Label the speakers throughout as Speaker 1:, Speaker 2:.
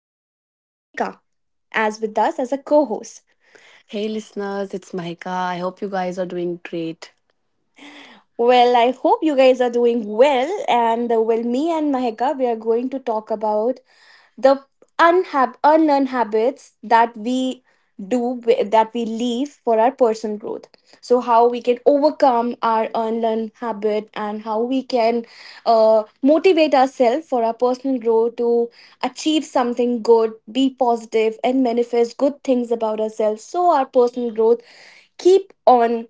Speaker 1: we have Mahika as with us as a co host.
Speaker 2: Hey listeners, it's Mahika. I hope you guys are doing great.
Speaker 1: Well, I hope you guys are doing well, and well, me and Mahika, we are going to talk about the unlearn habits do that we leave for our personal growth, so how we can overcome our unlearn habit and how we can motivate ourselves for our personal growth to achieve something good, be positive, and manifest good things about ourselves so our personal growth keep on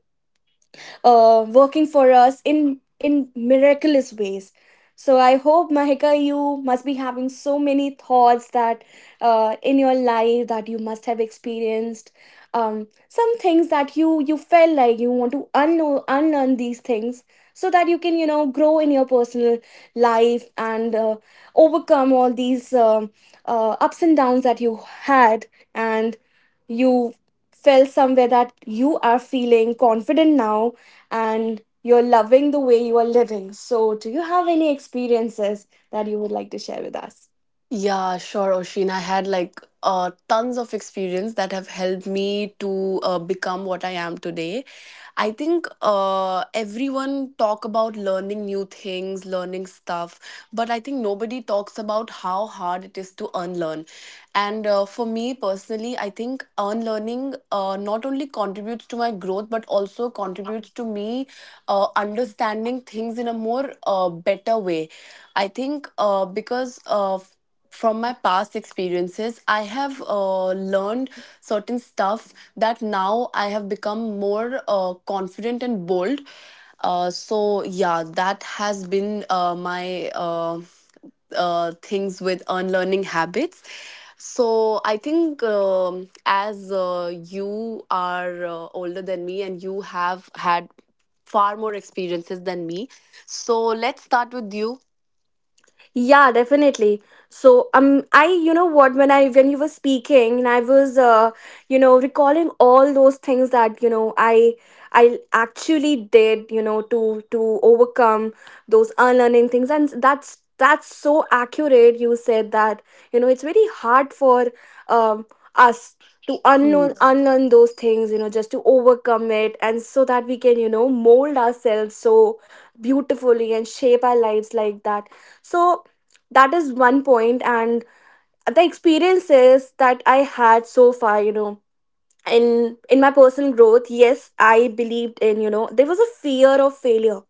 Speaker 1: working for us in miraculous ways. So I hope, Mahika, you must be having so many thoughts that in your life that you must have experienced. Some things that you felt like you want to unlearn these things so that you can grow in your personal life, and overcome all these ups and downs that you had, and you felt somewhere that you are feeling confident now and you're loving the way you are living. So, do you have any experiences that you would like to share with us?
Speaker 2: Yeah, sure, Oshin. I had like tons of experience that have helped me to become what I am today. I think everyone talk about learning new things, learning stuff, but I think nobody talks about how hard it is to unlearn. And for me personally, I think unlearning not only contributes to my growth, but also contributes to me understanding things in a more better way. I think because of from my past experiences, I have learned certain stuff that now I have become more confident and bold. So yeah, that has been my things with unlearning habits. So I think, as, you are older than me and you have had far more experiences than me, so let's start with you.
Speaker 1: Yeah, definitely. So, I, you know what, when I, when you were speaking, and I was, recalling all those things that, I actually did, to overcome those unlearning things, and that's so accurate. You said that, it's very hard for, um, us to
Speaker 2: Hmm.
Speaker 1: unlearn those things, just to overcome it, and so that we can, mold ourselves so beautifully and shape our lives like that. So that is one point, and the experiences that I had so far, in my personal growth, yes, I believed in, there was a fear of failure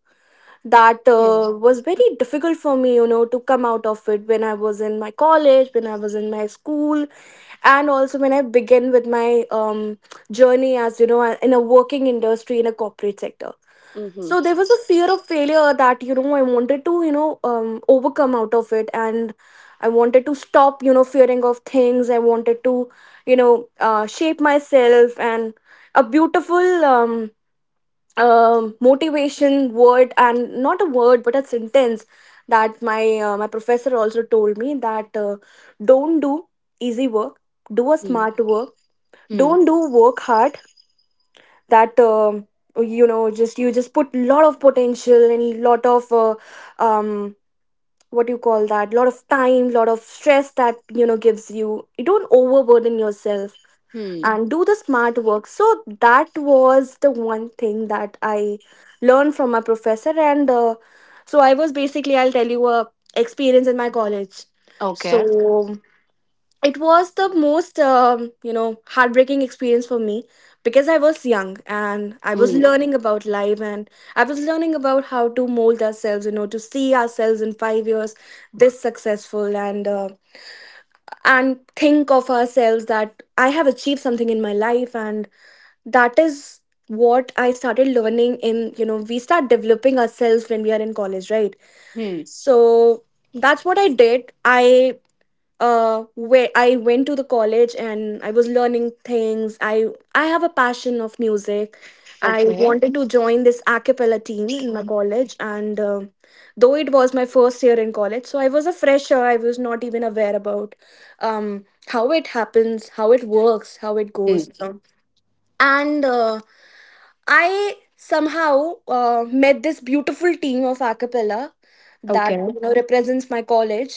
Speaker 1: that
Speaker 2: Yeah.
Speaker 1: was very difficult for me, to come out of it when I was in my college, when I was in my school, and also when I began with my journey, as in a working industry, in a corporate sector.
Speaker 2: Mm-hmm.
Speaker 1: So there was a fear of failure that I wanted to, overcome out of it, and I wanted to stop, fearing of things. I wanted to, shape myself, and a beautiful motivation word, and not a word but a sentence, that my my professor also told me that don't do easy work, do a smart work, don't do work hard, that you just put lot of potential and lot of um what do you call that, lot of time, lot of stress, that gives you don't overburden yourself,
Speaker 2: Hmm.
Speaker 1: and do the smart work. So that was the one thing that I learned from my professor, and so I was, basically I'll tell you a experience in my college. So
Speaker 2: Okay.
Speaker 1: it was the most heartbreaking experience for me because I was young and I was
Speaker 2: Hmm.
Speaker 1: learning about life, and I was learning about how to mold ourselves, to see ourselves in 5 years this successful, and and think of ourselves that I have achieved something in my life, and that is what I started learning in you know we start developing ourselves when we are in college, right?
Speaker 2: Hmm.
Speaker 1: So that's what I did. I uh where I went to the college, and I was learning things. I have a passion of music. I
Speaker 2: Okay.
Speaker 1: wanted to join this a cappella team in my college, and though it was my first year in college, so I was a fresher, I was not even aware about how it happens, how it works, how it goes.
Speaker 2: Hmm.
Speaker 1: So and I somehow met this beautiful team of a cappella that
Speaker 2: Okay.
Speaker 1: represents my college,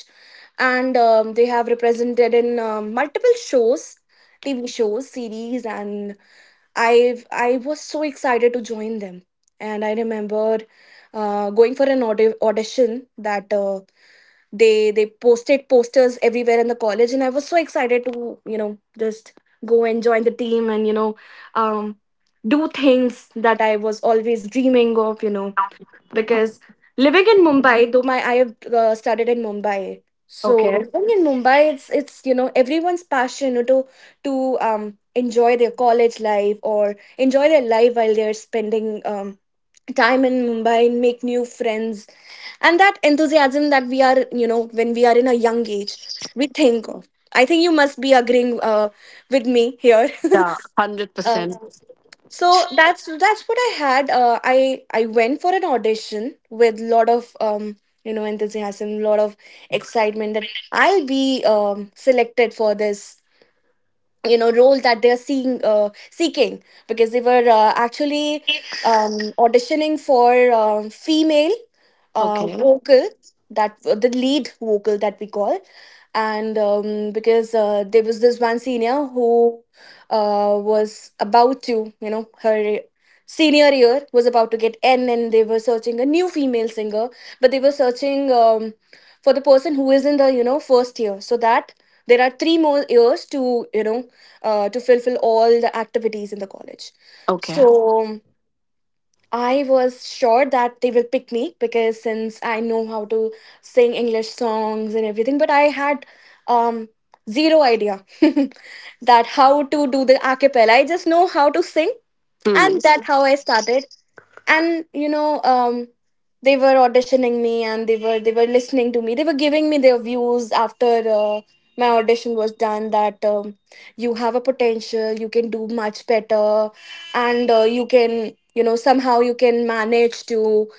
Speaker 1: and they have represented in multiple shows, TV shows, series, and I was so excited to join them. And I remember going for an audition, that they posted posters everywhere in the college, and I was so excited to, just go and join the team, and um do things that I was always dreaming of, because living in Mumbai, though my I have studied in Mumbai, so
Speaker 2: Okay.
Speaker 1: living in Mumbai, it's everyone's passion to enjoy their college life or enjoy their life while they're spending time in Mumbai and make new friends. And that enthusiasm that we are you know when we are in a young age, we think of, I think you must be agreeing, with me here
Speaker 2: Yeah. Hundred
Speaker 1: uh,
Speaker 2: percent.
Speaker 1: so that's what I had, I went for an audition with lot of, enthusiasm, lot of excitement, that I'll be selected for this, role that they're seeing seeking, because they were actually auditioning for female
Speaker 2: Okay.
Speaker 1: vocal, that the lead vocal that we call. And because there was this one senior who was about to you know her senior year was about to get end, and they were searching a new female singer, but they were searching, for the person who is in the, first year, so that there are three more years to, to fulfill all the activities in the college.
Speaker 2: Okay.
Speaker 1: So I was sure that they will pick me because since I know how to sing English songs and everything, but I had um, zero idea that how to do the a cappella. I just know how to sing,
Speaker 2: Hmm.
Speaker 1: and that's how I started. And they were auditioning me, and they were listening to me, they were giving me their views after my audition was done, that you have a potential, you can do much better, and you can, somehow you can manage to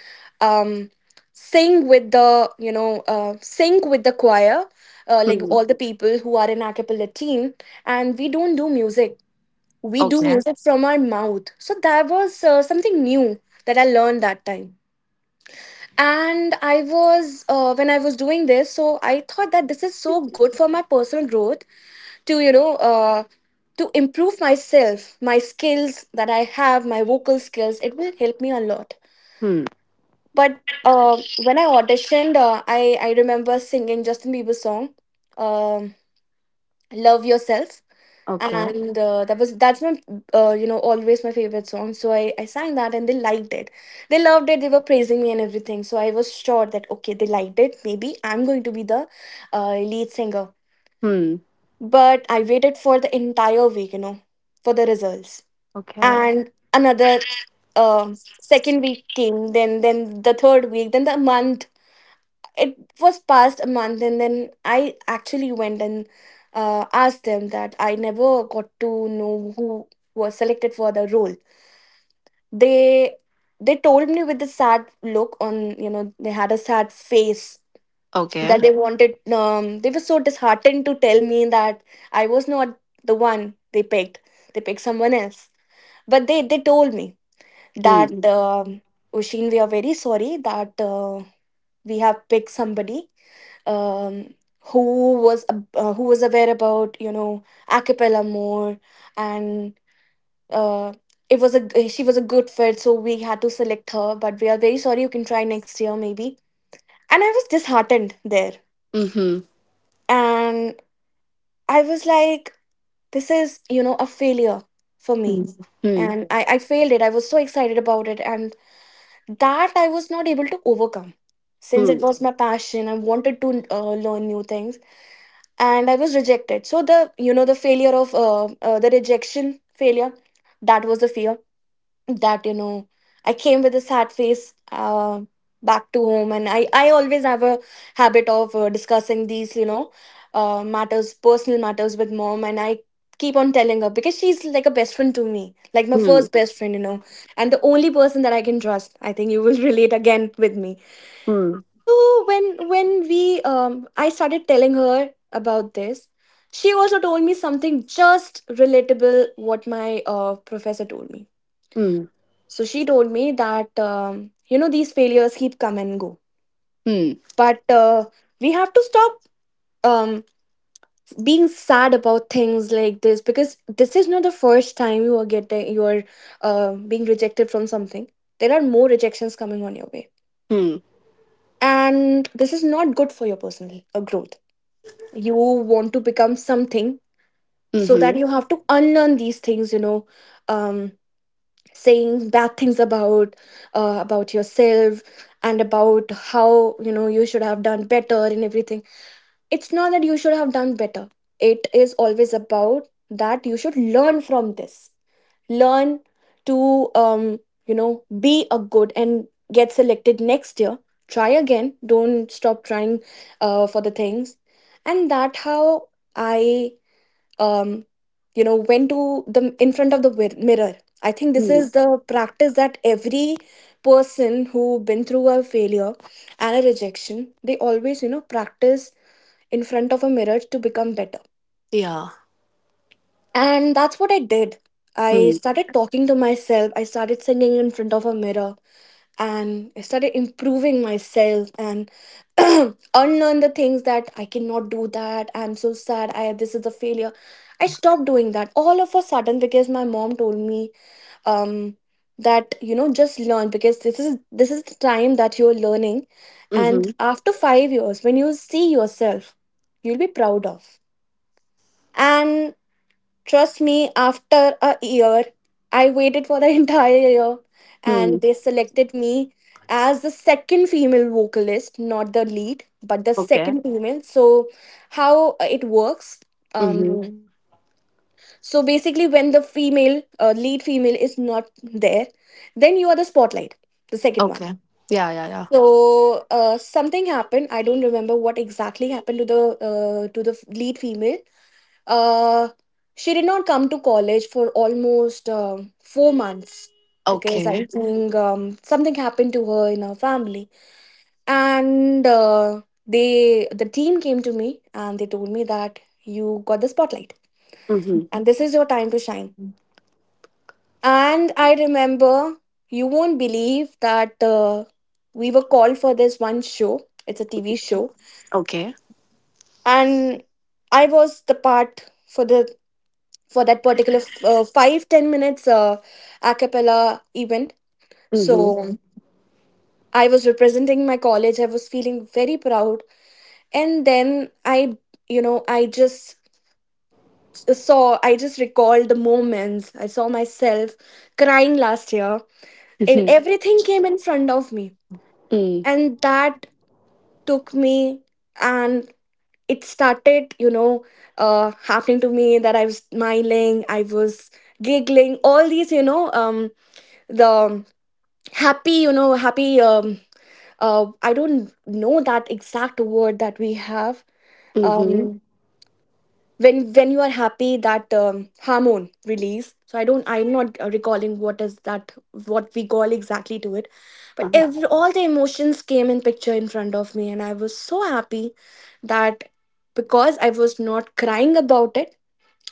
Speaker 1: um sing with the choir, like
Speaker 2: Hmm.
Speaker 1: all the people who are in a cappella team. And we don't do music, we do
Speaker 2: Okay.
Speaker 1: music from our mouth. So that was something new that I learned that time. And when I was doing this, so I thought that this is so good for my personal growth to, you know, uh, to improve myself, my skills that I have, my vocal skills. It will help me a lot.
Speaker 2: Hmm.
Speaker 1: But when I auditioned, I remember singing Justin Bieber's song, um, Love Yourself,
Speaker 2: Okay.
Speaker 1: and that's my, always my favorite song, so I sang that and they liked it, they loved it, they were praising me and everything. So I was sure that, okay, they liked it, maybe I'm going to be the lead singer.
Speaker 2: Hmm.
Speaker 1: But I waited for the entire week, for the results.
Speaker 2: Okay.
Speaker 1: And another, uh, second week came, then the third week, then the month. It was past a month, and then I actually went and asked them that I never got to know who was selected for the role. They they told me with a sad look on, they had a sad face, that
Speaker 2: Okay.
Speaker 1: they wanted they were so disheartened to tell me that I was not the one they picked. They picked someone else. But they told me
Speaker 2: Hmm.
Speaker 1: that, Ushin, we are very sorry that we have picked somebody, um, who was aware about, a cappella more. And uh, it was a g- she was a good fit, so we had to select her, but we are very sorry, you can try next year maybe. And I was disheartened there,
Speaker 2: Mm-hmm.
Speaker 1: and I was like, this is, a failure for
Speaker 2: Hmm.
Speaker 1: me.
Speaker 2: Hmm.
Speaker 1: And I failed it, I was so excited about it, and that I was not able to overcome since it was my passion, I wanted to learn new things, and I was rejected. So the you know the failure of the rejection failure, that was the fear that, I came with a sad face, back to home. And I always have a habit of discussing these you know matters personal matters with mom. And I keep on telling her because she's like a best friend to me, like my
Speaker 2: Hmm.
Speaker 1: first best friend, and the only person that I can trust, I think you will relate again with me.
Speaker 2: Hmm.
Speaker 1: So when we I started telling her about this, she also told me something just relatable what my professor told me.
Speaker 2: Hmm.
Speaker 1: So she told me that you know these failures keep come and go,
Speaker 2: Hmm. Hmm.
Speaker 1: but we have to stop um being sad about things like this, because this is not the first time you are being rejected from something. There are more rejections coming on your way,
Speaker 2: Hmm.
Speaker 1: and this is not good for your personal growth. You want to become something, so that
Speaker 2: Mm-hmm.
Speaker 1: you have to unlearn these things, um saying bad things about about yourself, and about how, you know, you should have done better and everything. It's not that you should have done better, it is always about that you should learn from this. Learn to you know be a good and get selected next year. Try again, don't stop trying for the things. And that how I, um, you know, when to the in front of the mirror, I think this
Speaker 2: Hmm.
Speaker 1: is the practice that every person who been through a failure and a rejection, they always, you know, practice in front of a mirror to become better.
Speaker 2: Yeah.
Speaker 1: And that's what I did. I
Speaker 2: Hmm.
Speaker 1: started talking to myself, I started singing in front of a mirror, and I started improving myself and unlearn the things that I cannot do that. I'm so sad. I This is a failure. I stopped doing that all of a sudden because my mom told me um, that, you know, just learn because this is the time that you're learning, and
Speaker 2: Mm-hmm.
Speaker 1: after 5 years when you see yourself, you'll be proud of. And. Trust me, after a year, I waited for the entire year,
Speaker 2: Hmm.
Speaker 1: and they selected me as the second female vocalist, not the lead, but the
Speaker 2: Okay.
Speaker 1: second female. So, how it works?
Speaker 2: Mm-hmm.
Speaker 1: Um, so basically, when the female lead female is not there, then you are the spotlight, the second one.
Speaker 2: Okay. Yeah. Yeah. Yeah.
Speaker 1: So something happened. I don't remember what exactly happened to the to the lead female. uh, she did not come to college for almost 4 months because I
Speaker 2: Okay.
Speaker 1: think something happened to her in her family. And they, the team, came to me and they told me that you got the spotlight
Speaker 2: Mm-hmm.
Speaker 1: and this is your time to shine. And I remember, you won't believe that we were called for this one show. It's a TV show,
Speaker 2: Okay.
Speaker 1: and I was the part for the for that particular 5-10 minutes a cappella event. So
Speaker 2: Mm-hmm.
Speaker 1: Mhm. I was representing my college. I was feeling very proud, and then I, I just recalled the moments. I saw myself crying last year, and
Speaker 2: Mm-hmm.
Speaker 1: everything came in front of me,
Speaker 2: Hmm.
Speaker 1: and that took me. And it started, happening to me, that I was smiling, I was giggling, all these, the happy, I don't know that exact word that we have,
Speaker 2: Mhm.
Speaker 1: um when you are happy, that hormone release. So I'm not recalling what is that, what we call exactly to it. But
Speaker 2: Uh-huh.
Speaker 1: all the emotions came in picture in front of me, and I was so happy that, because I was not crying about it,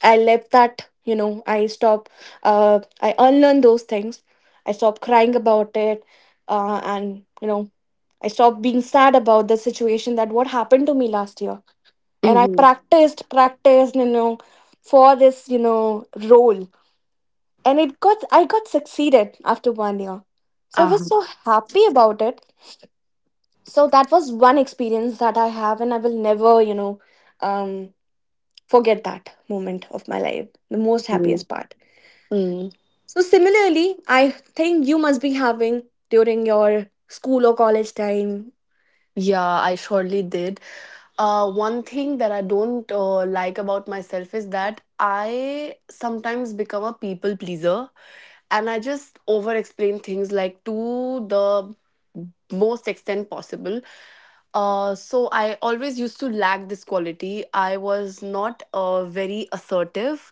Speaker 1: I left that. You know, I stop, I unlearn those things. I stop crying about it. And you know, I stop being sad about the situation, that what happened to me last year. And I
Speaker 2: Mhm.
Speaker 1: practiced, practiced, you know, for this, you know, role. And I got succeeded after 1 year. So I was
Speaker 2: Uh-huh.
Speaker 1: so happy about it. So that was one experience that I have, and I will never, you know, um, forget that moment of my life. The most happiest part.
Speaker 2: Mhm.
Speaker 1: So similarly, I think you must be having during your school or college time.
Speaker 2: Yeah, I surely did. One thing that I don't like about myself is that I sometimes become a people pleaser, and I just over explain things like to the most extent possible. So I always used to lack this quality. I was not very assertive.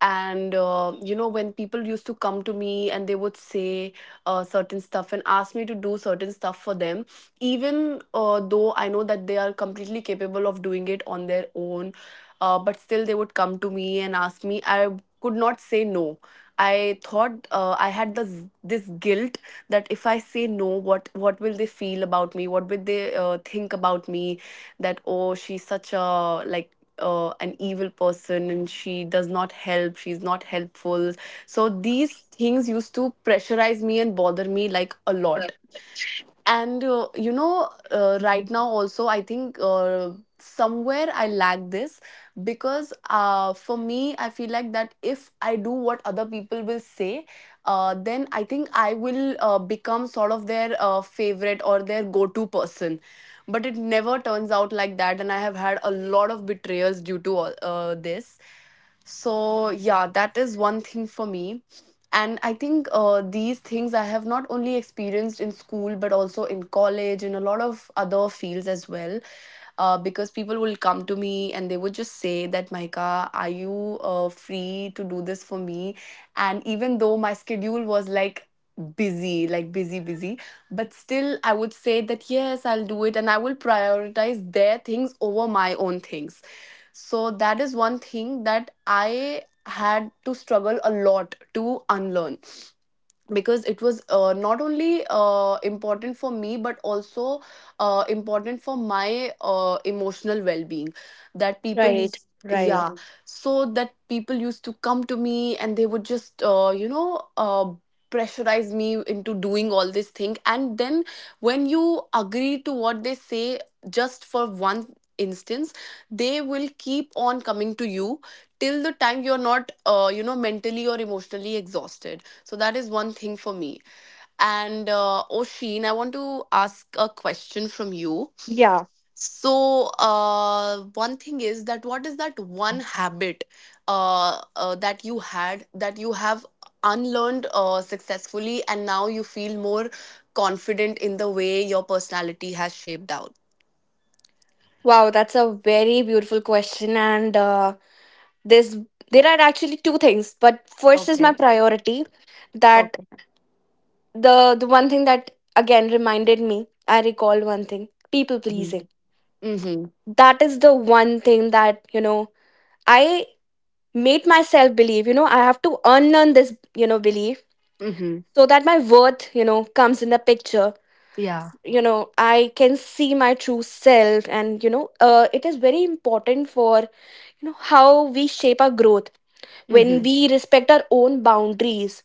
Speaker 2: And when people used to come to me and they would say certain stuff and ask me to do certain stuff for them, even though I know that they are completely capable of doing it on their own, but still they would come to me and ask me. I could not say no. I thought, I had this guilt that if I say no, what will they feel about me? What will they think about me? That, oh, she's such a like an evil person and she does not help. She's not helpful. So these things used to pressurize me and bother me like a lot. And right now also, I think somewhere I lack this, because for me, I feel like that if I do what other people will say, then I think I will become sort of their favorite or their go to person, but it never turns out like that. And I have had a lot of betrayals due to this. So, yeah, that is one thing for me. And I think these things I have not only experienced in school, but also in college, in a lot of other fields as well. Because people will come to me and they would just say that, Maika, are you free to do this for me? And even though my schedule was like busy, busy, but still I would say that, yes, I'll do it, and I will prioritize their things over my own things. So that is one thing that I had to struggle a lot to unlearn, because it was not only important for me, but also important for my emotional well-being. That people
Speaker 1: Right,
Speaker 2: used
Speaker 1: right.
Speaker 2: Yeah. So that people used to come to me and they would just, pressurize me into doing all this thing. And then, when you agree to what they say just for one instance, they will keep on coming to you till the time you're not mentally or emotionally exhausted. So that is one thing for me. And Oshin, I want to ask a question from you.
Speaker 1: Yeah.
Speaker 2: So one thing is that, what is that one habit that you had that you have unlearned successfully, and now you feel more confident in the way your personality has shaped out?
Speaker 1: Wow, that's a very beautiful question, and there's there are actually two things, but first is my priority. That
Speaker 2: Okay.
Speaker 1: the one thing that again reminded me, I recalled one thing: people
Speaker 2: Mm-hmm.
Speaker 1: pleasing.
Speaker 2: Mm-hmm.
Speaker 1: That is the one thing that, you know, I made myself believe, you know, I have to unlearn this, you know, belief,
Speaker 2: Mm-hmm.
Speaker 1: so that my worth, you know, comes in the picture.
Speaker 2: Yeah.
Speaker 1: You know, I can see my true self, and, it is very important for, you know, how we shape our growth when
Speaker 2: Mm-hmm.
Speaker 1: we respect our own boundaries.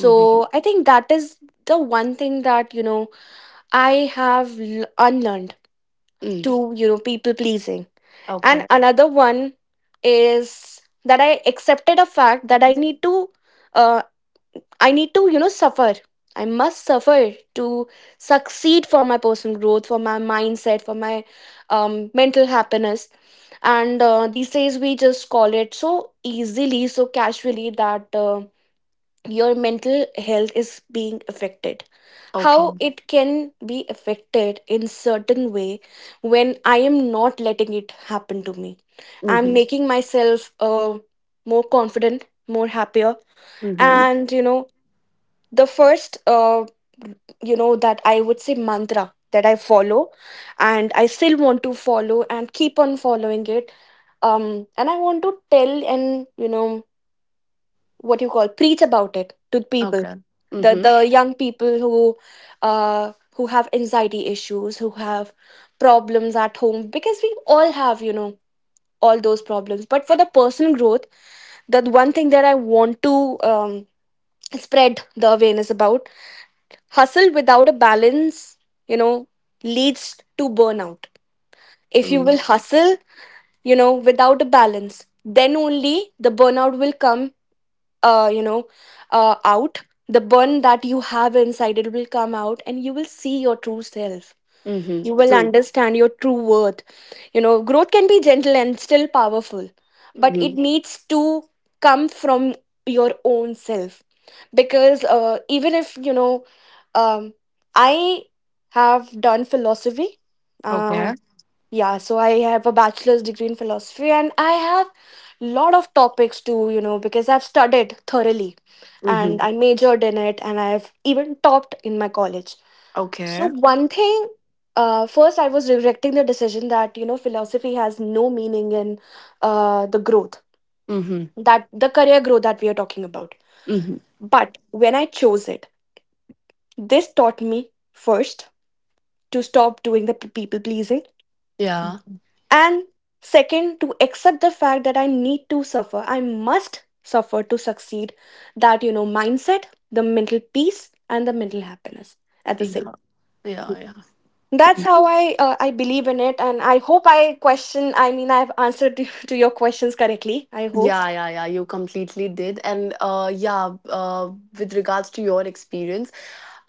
Speaker 2: Mm-hmm.
Speaker 1: I think that is the one thing that, you know, I have unlearned,
Speaker 2: Mm.
Speaker 1: to, you know, people pleasing. And
Speaker 2: Okay.
Speaker 1: another one is that I accepted a fact that uh, I need to, you know, suffer. I must suffer to succeed, for my personal growth, for my mindset, for my mental happiness. And these days we just call it so easily, so casually, that your mental health is being affected. How
Speaker 2: Okay.
Speaker 1: it can be affected in certain way when I am not letting it happen to me? I'm
Speaker 2: Mm-hmm.
Speaker 1: making myself more confident, more happier,
Speaker 2: Mm-hmm.
Speaker 1: and, you know, the first you know, that I would say, mantra that I follow, and I still want to follow and keep on following it. And I want to tell, and, you know, what you call, preach about it to the people.
Speaker 2: Okay.
Speaker 1: The
Speaker 2: Mm-hmm.
Speaker 1: young people who have anxiety issues, who have problems at home, because we all have, you know, all those problems, but for the personal growth, the one thing that I want to um, spread the awareness about: hustle without a balance, you know, leads to burnout. If you will hustle, you know, without a balance, then only the burnout will come, uh, you know, out. The burn that you have inside, it will come out, and you will see your true self.
Speaker 2: Mhm.
Speaker 1: You will
Speaker 2: True.
Speaker 1: understand your true worth. You know, growth can be gentle and still powerful, but it
Speaker 2: Mhm.
Speaker 1: needs to come from your own self. Because even if, you know, um, I have done philosophy, uh,
Speaker 2: Okay.
Speaker 1: yeah. So I have a bachelor's degree in philosophy, and I have lot of topics to, you know, because I've studied thoroughly,
Speaker 2: Mhm.
Speaker 1: and I majored in it, and I've even topped in my college. So
Speaker 2: Okay.
Speaker 1: one thing: first, I was regretting the decision that, you know, philosophy has no meaning in the growth,
Speaker 2: Mhm.
Speaker 1: that the career growth that we are talking about.
Speaker 2: Mhm.
Speaker 1: But when I chose it, this taught me, first, to stop doing the people pleasing,
Speaker 2: Yeah.
Speaker 1: and second, to accept the fact that I need to suffer. I must suffer to succeed. That, you know, mindset, the mental peace and the mental happiness at the same
Speaker 2: Yeah.
Speaker 1: time.
Speaker 2: Yeah, yeah.
Speaker 1: That's how I believe in it. And I hope I mean, I've answered to your questions correctly, I hope.
Speaker 2: Yeah, yeah, yeah. You completely did. And, yeah, with regards to your experience,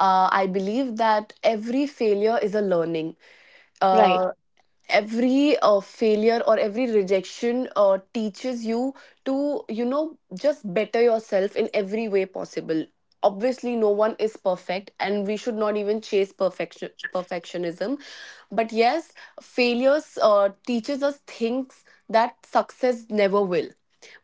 Speaker 2: I believe that every failure is a learning.
Speaker 1: Right,
Speaker 2: Uh every failure or every rejection teaches you to, just better yourself in every way possible. Obviously, no one is perfect, and we should not even chase perfectionism. But yes, failures teaches us things that success never will.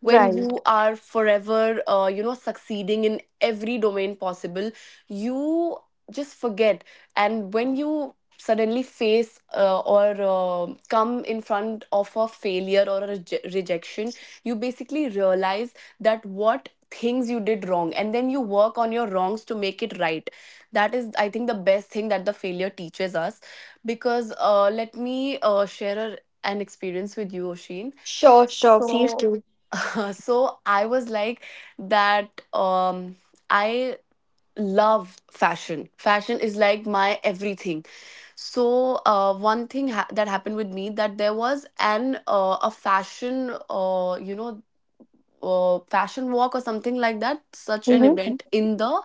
Speaker 2: When
Speaker 1: right.
Speaker 2: you are forever succeeding in every domain possible, you just forget. And when you suddenly face, or come in front of a failure or a rejection, you basically realize that what things you did wrong, and then you work on your wrongs to make it right. That is, I think, the best thing that the failure teaches us. Because let me share an experience with you, Oshin.
Speaker 1: Sure, sure, please
Speaker 2: so
Speaker 1: do.
Speaker 2: uh, so I was like that, I love fashion. Fashion is like my everything. So one thing that happened with me, that there was an a fashion, uh, you know fashion walk or something like that, such an
Speaker 1: Mm-hmm.
Speaker 2: event in the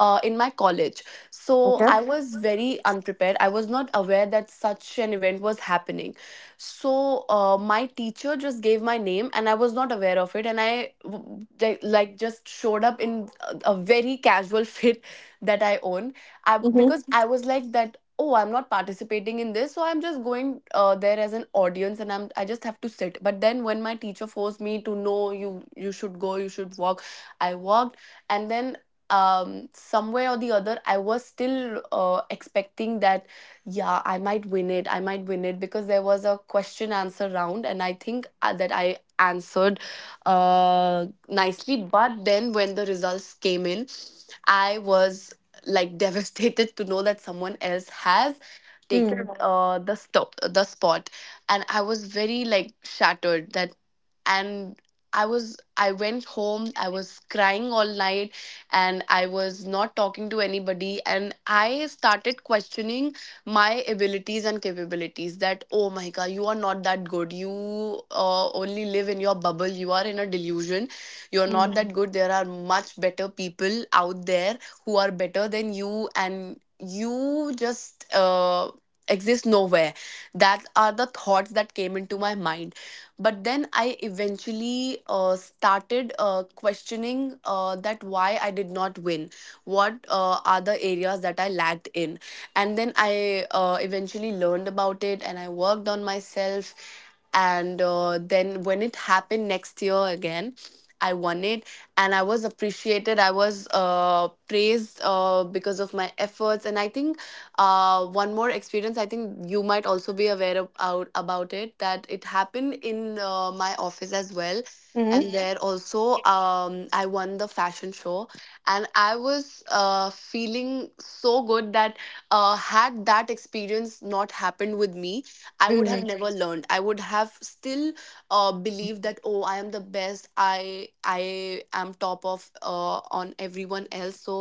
Speaker 2: in my college. So
Speaker 1: Okay.
Speaker 2: I was very unprepared. I was not aware that such an event was happening. So my teacher just gave my name and I was not aware of it. And I like, just showed up in a very casual fit that I own.
Speaker 1: Mm-hmm.
Speaker 2: Because I was like that, oh, I'm not participating in this, so I'm just going there as an audience, and I just have to sit. But then when my teacher forced me to know, you should go, you should walk, I walked. And then, somewhere or the other, I was still expecting that, yeah, I might win it because there was a question answer round, and I think that I answered nicely. But then when the results came in, I was like devastated to know that someone else has taken the spot. And I was very like shattered that, and I went home. I was crying all night, and I was not talking to anybody. And I started questioning my abilities and capabilities, that, oh my god, you are not that good. You only live in your bubble. You are in a delusion. You're not
Speaker 1: Mm-hmm.
Speaker 2: that good. There are much better people out there who are better than you, and you just exist nowhere. That are the thoughts that came into my mind. But then I eventually started questioning that why I did not win, what are the areas that I lacked in. And then I eventually learned about it and I worked on myself. And then when it happened next year again, I won it and I was appreciated. I was praised because of my efforts. And I think, one more experience, I think you might also be aware of, about it, that it happened in my office as well. And, mhm, there also, I won the fashion show, and I was feeling so good that, had that experience not happened with me, I would have
Speaker 1: Mm-hmm.
Speaker 2: never, mhm, learned. I would have still believed that, oh, I am the best. I am top of on everyone else. So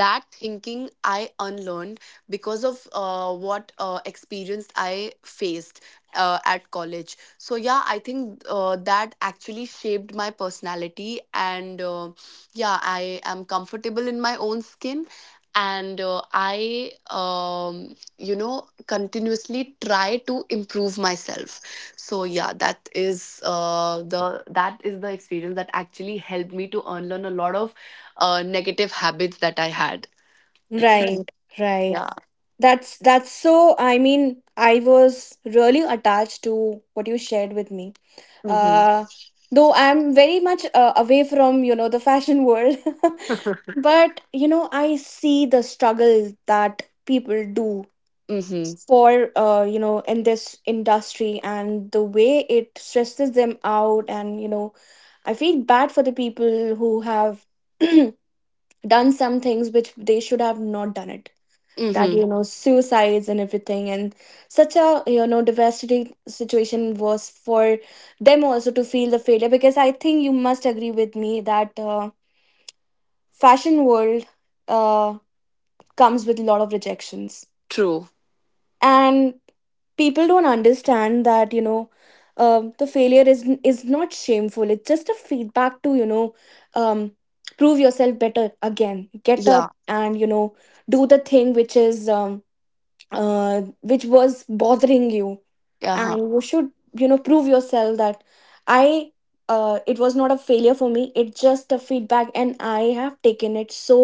Speaker 2: that thinking I unlearned, because of what experience I faced at college. So yeah, I think that actually shaped my personality. And, yeah, I am comfortable in my own skin. And, I, continuously try to improve myself. So yeah, that is the that is the experience that actually helped me to unlearn a lot of negative habits that I had.
Speaker 1: Right, right.
Speaker 2: Yeah.
Speaker 1: That's so. I mean, I was really attached to what you shared with me.
Speaker 2: Mm-hmm.
Speaker 1: Uh, though I'm very much away from, you know, the fashion world, but, you know, I see the struggle that people do
Speaker 2: Mm-hmm.
Speaker 1: for you know, in this industry, and the way it stresses them out. And, you know, I feel bad for the people who have done some things which they should have not done it, that,
Speaker 2: Mm-hmm.
Speaker 1: you know, suicides and everything, and such a, you know, devastating situation was for them also to feel the failure. Because I think you must agree with me that fashion world uh, comes with a lot of rejections,
Speaker 2: True.
Speaker 1: and people don't understand that, you know, the failure is not shameful. It's just a feedback to, you know, um, prove yourself better again, get up,
Speaker 2: Yeah.
Speaker 1: and, you know, do the thing which is which was bothering you. And
Speaker 2: Uh-huh.
Speaker 1: you should, you know, prove yourself that I it was not a failure for me, it's just a feedback, and I have taken it so,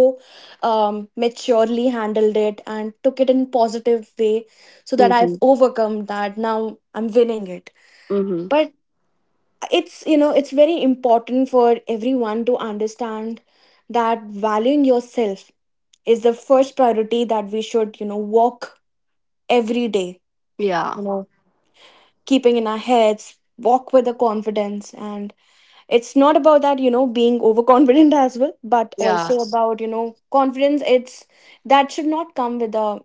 Speaker 1: maturely handled it, and took it in positive way, so that
Speaker 2: Mm-hmm.
Speaker 1: I've overcome that, now I'm winning it.
Speaker 2: Mm-hmm.
Speaker 1: But it's, you know, it's very important for everyone to understand that valuing yourself is the first priority, that we should, you know, walk every day
Speaker 2: Yeah.
Speaker 1: keeping in our heads. Walk with the confidence, and it's not about that, you know, being overconfident as well, but
Speaker 2: Yeah.
Speaker 1: also about, you know, confidence. It's that should not come with a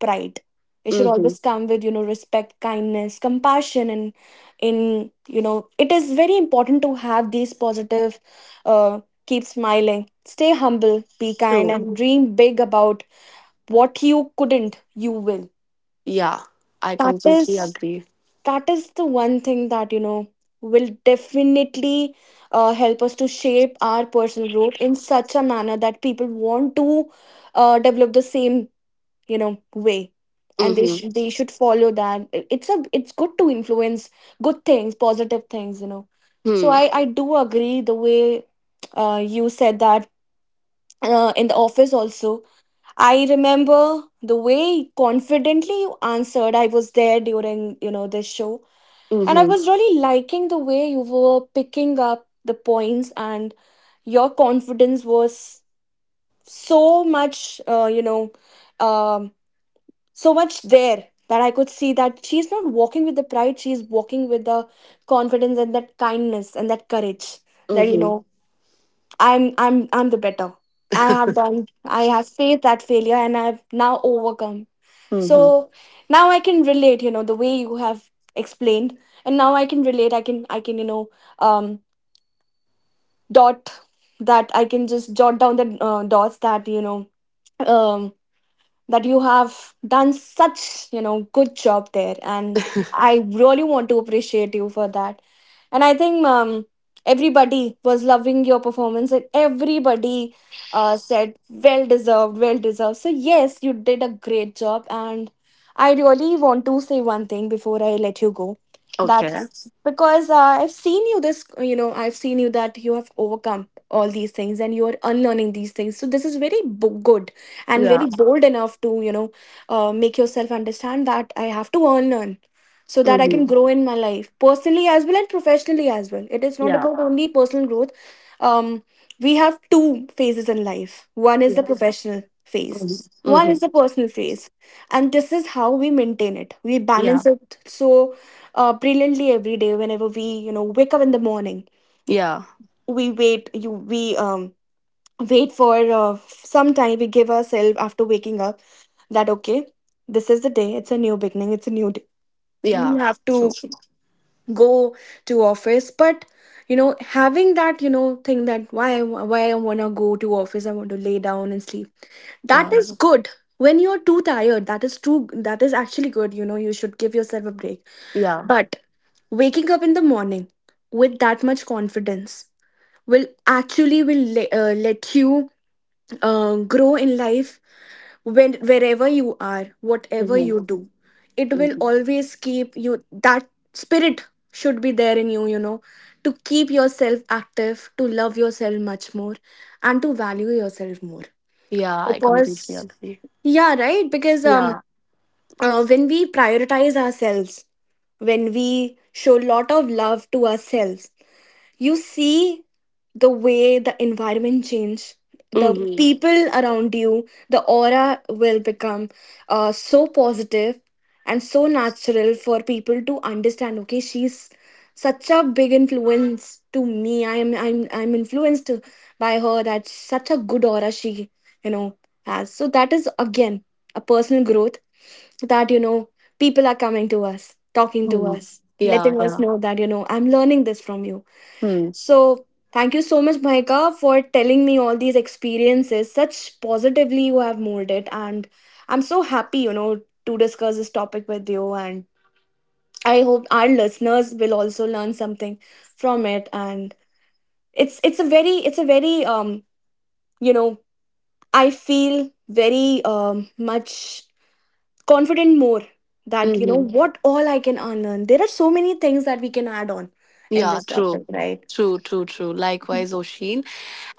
Speaker 1: pride, it should
Speaker 2: Mm-hmm.
Speaker 1: always come with, you know, respect, kindness, compassion, and in, you know, it is very important to have these positive uh keep smiling, stay humble, be kind,
Speaker 2: True.
Speaker 1: and dream big about what you couldn't, you will.
Speaker 2: Yeah. I
Speaker 1: That
Speaker 2: completely
Speaker 1: is
Speaker 2: agree.
Speaker 1: the one thing that, you know, will definitely help us to shape our personal growth in such a manner that people want to develop the same, you know, way, and
Speaker 2: Mm-hmm.
Speaker 1: they should follow that. It's A it's good to influence good things, positive things, so
Speaker 2: Hmm.
Speaker 1: I do agree the way you said that in the office also, I remember the way confidently you answered. I was there during, this show. And I
Speaker 2: Mm-hmm.
Speaker 1: was really liking the way you were picking up the points, and your confidence was so much, um, so much there, that I could see that she's not walking with the pride, she's walking with the confidence and that kindness and that courage that,
Speaker 2: Mm-hmm.
Speaker 1: I'm the better. I have done, I have faced that failure and I've now overcome.
Speaker 2: Mm-hmm.
Speaker 1: So now I can relate, you know, the way you have explained. And now I can relate, I can, I can, you know um dot that I can just jot down the dots that, you know um that you have done such, you know, good job there. And I really want to appreciate you for that. And I think, everybody was loving your performance, and everybody said well deserved, well deserved. So yes, you did a great job. And I really want to say one thing before I let you go, that
Speaker 2: Okay.
Speaker 1: because I've seen you this, you know, I've seen you that you have overcome all these things, and you are unlearning these things, so this is very good and very,
Speaker 2: Yeah.
Speaker 1: yeah, bold enough to, you know, make yourself understand that I have to unlearn so that I
Speaker 2: Mm-hmm.
Speaker 1: can, mhm, grow in my life personally as well and professionally as well. It is not
Speaker 2: Yeah.
Speaker 1: about only personal growth. um we have two phases in life. One is the,
Speaker 2: Yeah.
Speaker 1: yeah, professional phase,
Speaker 2: Mm-hmm.
Speaker 1: one is
Speaker 2: Mm-hmm.
Speaker 1: the personal phase, and this is how we maintain it, we
Speaker 2: Yeah.
Speaker 1: balance it, so brilliantly. Every day, whenever we, you know, wake up in the morning,
Speaker 2: Yeah.
Speaker 1: we wait for some time, we give ourselves after waking up, that okay, this is the day, it's a new beginning, it's a new day, we
Speaker 2: Yeah.
Speaker 1: have to
Speaker 2: True.
Speaker 1: go to office. But, you know, having that, you know, thing that why I want to go to office, I want to lay down and sleep, that
Speaker 2: Yeah.
Speaker 1: is good when you're too tired. That is true, that is actually good, you know, you should give yourself a break.
Speaker 2: Yeah.
Speaker 1: But waking up in the morning with that much confidence will actually will let you grow in life. When Wherever you are, whatever
Speaker 2: Mm-hmm.
Speaker 1: you do, it will
Speaker 2: Mm-hmm.
Speaker 1: always keep you, that spirit should be there in you, you know, to keep yourself active, to love yourself much more, and to value yourself more.
Speaker 2: Yeah. I completely
Speaker 1: Because,
Speaker 2: agree.
Speaker 1: yeah, right, because
Speaker 2: Yeah.
Speaker 1: when we prioritize ourselves, when we show lot of love to ourselves, you see the way the environment change, the
Speaker 2: Mm-hmm.
Speaker 1: people around you, the aura will become so positive and so natural for people to understand, okay, she's such a big influence to me, I'm influenced by her. That's such a good aura she, you know, has. So that is again a personal growth, that, you know, people are coming to us, talking to
Speaker 2: Mm-hmm.
Speaker 1: us,
Speaker 2: Yeah.
Speaker 1: letting us
Speaker 2: Yeah.
Speaker 1: know that, you know, I'm learning this from you.
Speaker 2: Hmm.
Speaker 1: So, thank you so much, Mahika, for telling me all these experiences. Such positively you have molded it, and I'm so happy, you know, to discuss this topic with you. And I hope our listeners will also learn something from it. And it's a very, it's a very, you know, I feel very, much confident more, that you know
Speaker 2: Mm-hmm.
Speaker 1: what all I can unlearn. There are so many things that we can add on in
Speaker 2: Yeah,
Speaker 1: this topic,
Speaker 2: true.
Speaker 1: right?
Speaker 2: True, true, true. Likewise, Oshin.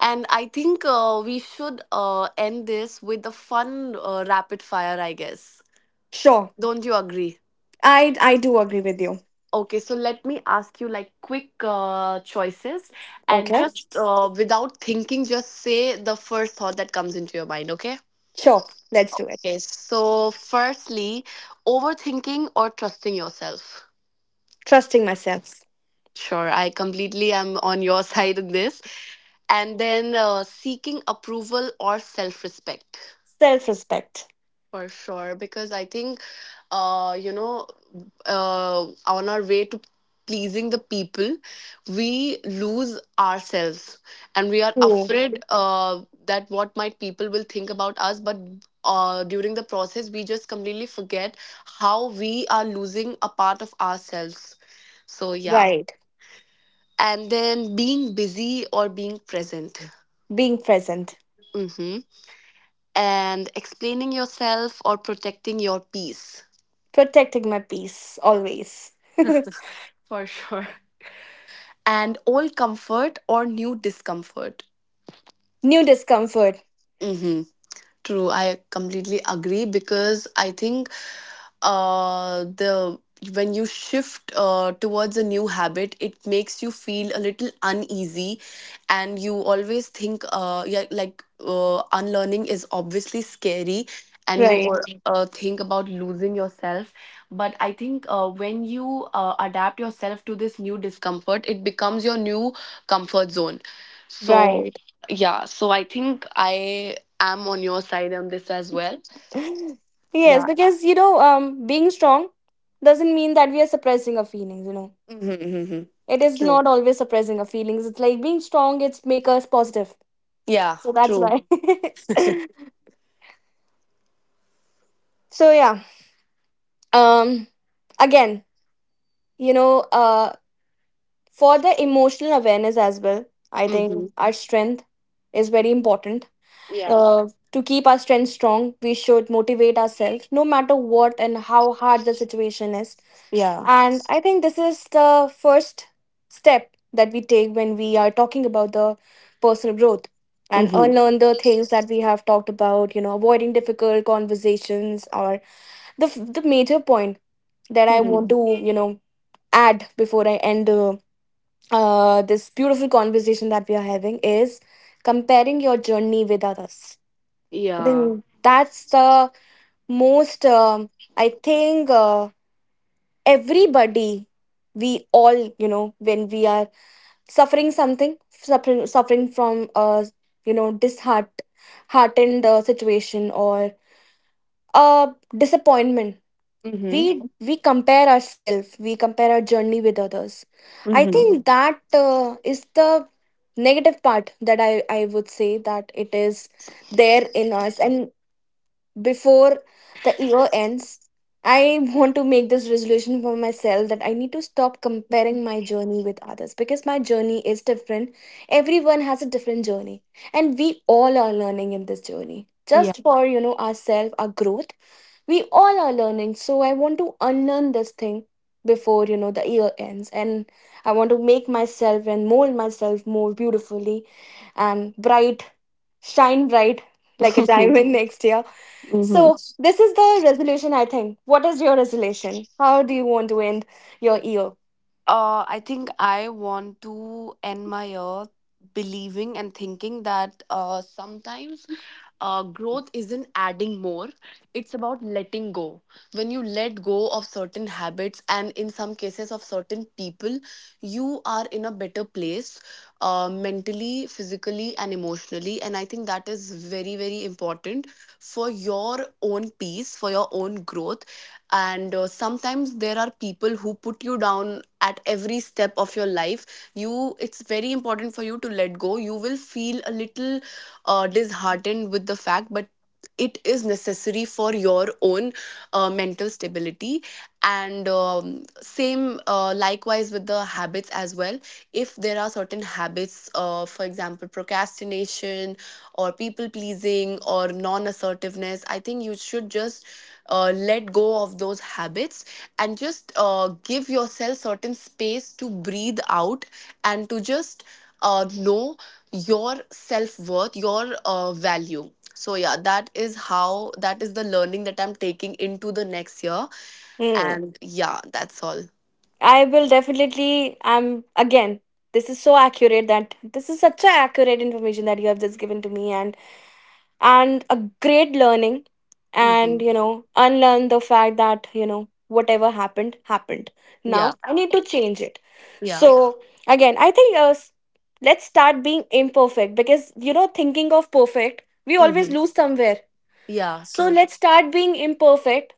Speaker 2: And I think we should end this with a fun rapid fire, I guess.
Speaker 1: Sure,
Speaker 2: Don't you agree?
Speaker 1: I do agree with you.
Speaker 2: Okay, so let me ask you like quick choices, and
Speaker 1: Okay.
Speaker 2: just, without thinking, just say the first thought that comes into your mind, okay?
Speaker 1: Sure. Let's do it.
Speaker 2: Okay, so firstly, overthinking or trusting yourself?
Speaker 1: Trusting myself.
Speaker 2: Sure, I completely am on your side in this. And then, seeking approval or self respect?
Speaker 1: Self respect.
Speaker 2: For sure, because I think, uh, you know, on our way to pleasing the people, we lose ourselves, and we are
Speaker 1: Hmm.
Speaker 2: afraid that what might people will think about us. But during the process, we just completely forget how we are losing a part of ourselves. So, yeah.
Speaker 1: Right.
Speaker 2: And then, being busy or being present?
Speaker 1: Being present.
Speaker 2: Hmm. And explaining yourself or protecting your peace?
Speaker 1: Protecting my peace always.
Speaker 2: For sure. And old comfort or new discomfort?
Speaker 1: New discomfort.
Speaker 2: Mm-hmm. True, I completely agree, because I think the when you shift towards a new habit, it makes you feel a little uneasy, and you always think, yeah, like, unlearning is obviously scary, and you,
Speaker 1: Right.
Speaker 2: or think about losing yourself. But I think when you adapt yourself to this new discomfort, it becomes your new comfort zone. So
Speaker 1: Right.
Speaker 2: yeah, so I think I am on your side on this as well.
Speaker 1: Yes,
Speaker 2: Yeah.
Speaker 1: because you know, being strong doesn't mean that we are suppressing our feelings, you know.
Speaker 2: Mm-hmm. Hmm.
Speaker 1: It is
Speaker 2: True.
Speaker 1: not always suppressing our feelings. It's like being strong, it's make us positive.
Speaker 2: Yeah,
Speaker 1: So that's
Speaker 2: true.
Speaker 1: why. So yeah. Um Again, you know, for the emotional awareness as well, I
Speaker 2: Mm-hmm.
Speaker 1: think our strength is very important,
Speaker 2: Yeah.
Speaker 1: uh, to keep our strength strong we should motivate ourselves no matter what and how hard the situation is.
Speaker 2: Yeah.
Speaker 1: And I think this is the first step that we take when we are talking about the personal growth and
Speaker 2: Mm-hmm.
Speaker 1: unlearn the things that we have talked about, you know, avoiding difficult conversations, or the the major point that I
Speaker 2: Hmm.
Speaker 1: want to, you know, add before I end the this beautiful conversation that we are having, is comparing your journey with others.
Speaker 2: Yeah.
Speaker 1: Then, that's the most, I think, everybody, we all, you know, when we are suffering something, suffering, from, you know, heartened, situation or disappointment,
Speaker 2: Mm-hmm.
Speaker 1: we compare ourselves, we compare our journey with others. I
Speaker 2: Mm-hmm.
Speaker 1: think, mhm, that is the negative part, that I would say that it is there in us. And before the year ends, I want to make this resolution for myself, that I need to stop comparing my journey with others, because my journey is different, everyone has a different journey, and we all are learning in this journey,
Speaker 2: Yeah.
Speaker 1: just for, you know, ourselves, our growth, we all are learning. So I want to unlearn this thing before, you know, the year ends, and I want to make myself and mold myself more beautifully and bright, shine bright like a
Speaker 2: Mm-hmm.
Speaker 1: diamond next year. So this is the resolution. I think, what is your resolution? How do you want to end your year?
Speaker 2: I think I want to end my year believing and thinking that, sometimes, growth isn't adding more, it's about letting go. When you let go of certain habits, and in some cases of certain people, you are in a better place, mentally, physically, and emotionally, and I think that is very, very important for your own peace, for your own growth. And sometimes there are people who put you down at every step of your life. You It's very important for you to let go. You will feel a little disheartened with the fact, but it is necessary for your own mental stability. And same likewise with the habits as well. If there are certain habits, for example, procrastination or people pleasing or non-assertiveness, I think you should just, let go of those habits, and just, give yourself certain space to breathe out, and to just know your self-worth, your value. So yeah, that is how, that is the learning that I'm taking into the next year.
Speaker 1: Hmm.
Speaker 2: And yeah, that's all.
Speaker 1: I will definitely. I'm again. This is so accurate, that this is such a accurate information that you have just given to me, and a great learning. And
Speaker 2: Hmm.
Speaker 1: you know, unlearn the fact that, you know, whatever happened happened,
Speaker 2: Yeah.
Speaker 1: now I need to change it.
Speaker 2: Yeah.
Speaker 1: So again, I think, let's start being imperfect, because you know, thinking of perfect, we always
Speaker 2: Hmm.
Speaker 1: lose somewhere.
Speaker 2: Yeah,
Speaker 1: So
Speaker 2: true.
Speaker 1: let's start being imperfect.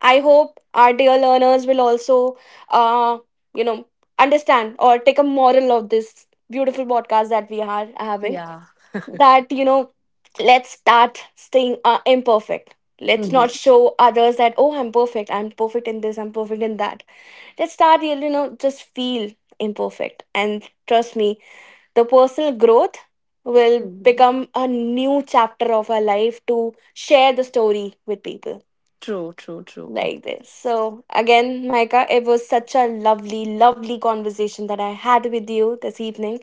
Speaker 1: I hope our dear learners will also, uh you know, understand or take a moral of this beautiful podcast that we are having,
Speaker 2: Yeah.
Speaker 1: that you know, let's start staying, imperfect. Let's
Speaker 2: Hmm.
Speaker 1: not show others that oh, I'm perfect, I'm perfect in this, I'm perfect in that. Let's start really, you know, just feel imperfect, and trust me, the personal growth will
Speaker 2: Hmm.
Speaker 1: become a new chapter of our life to share the story with people
Speaker 2: True, true, true.
Speaker 1: like this. So again, Micah, it was such a lovely, lovely conversation that I had with you this evening,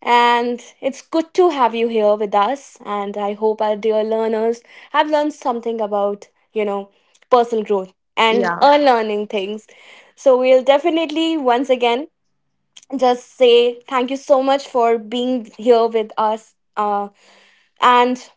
Speaker 1: and it's good to have you here with us. And I hope our dear learners have learned something about, you know, personal growth and
Speaker 2: Yeah,
Speaker 1: unlearning things. So we'll definitely, once again, just say thank you so much for being here with us. And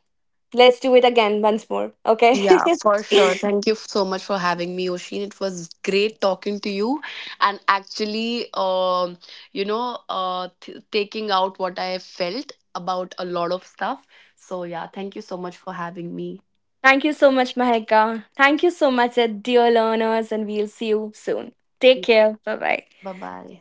Speaker 1: let's do it again once more. Okay.
Speaker 2: yeah, for sure. Thank you so much for having me, Oshin. It was great talking to you, and actually, taking out what I felt about a lot of stuff. So, yeah, thank you so much for having me.
Speaker 1: Thank you so much, Mahika. Thank you so much, dear learners. And we'll see you soon. Take
Speaker 2: Yeah,
Speaker 1: care. Bye bye.
Speaker 2: bye bye.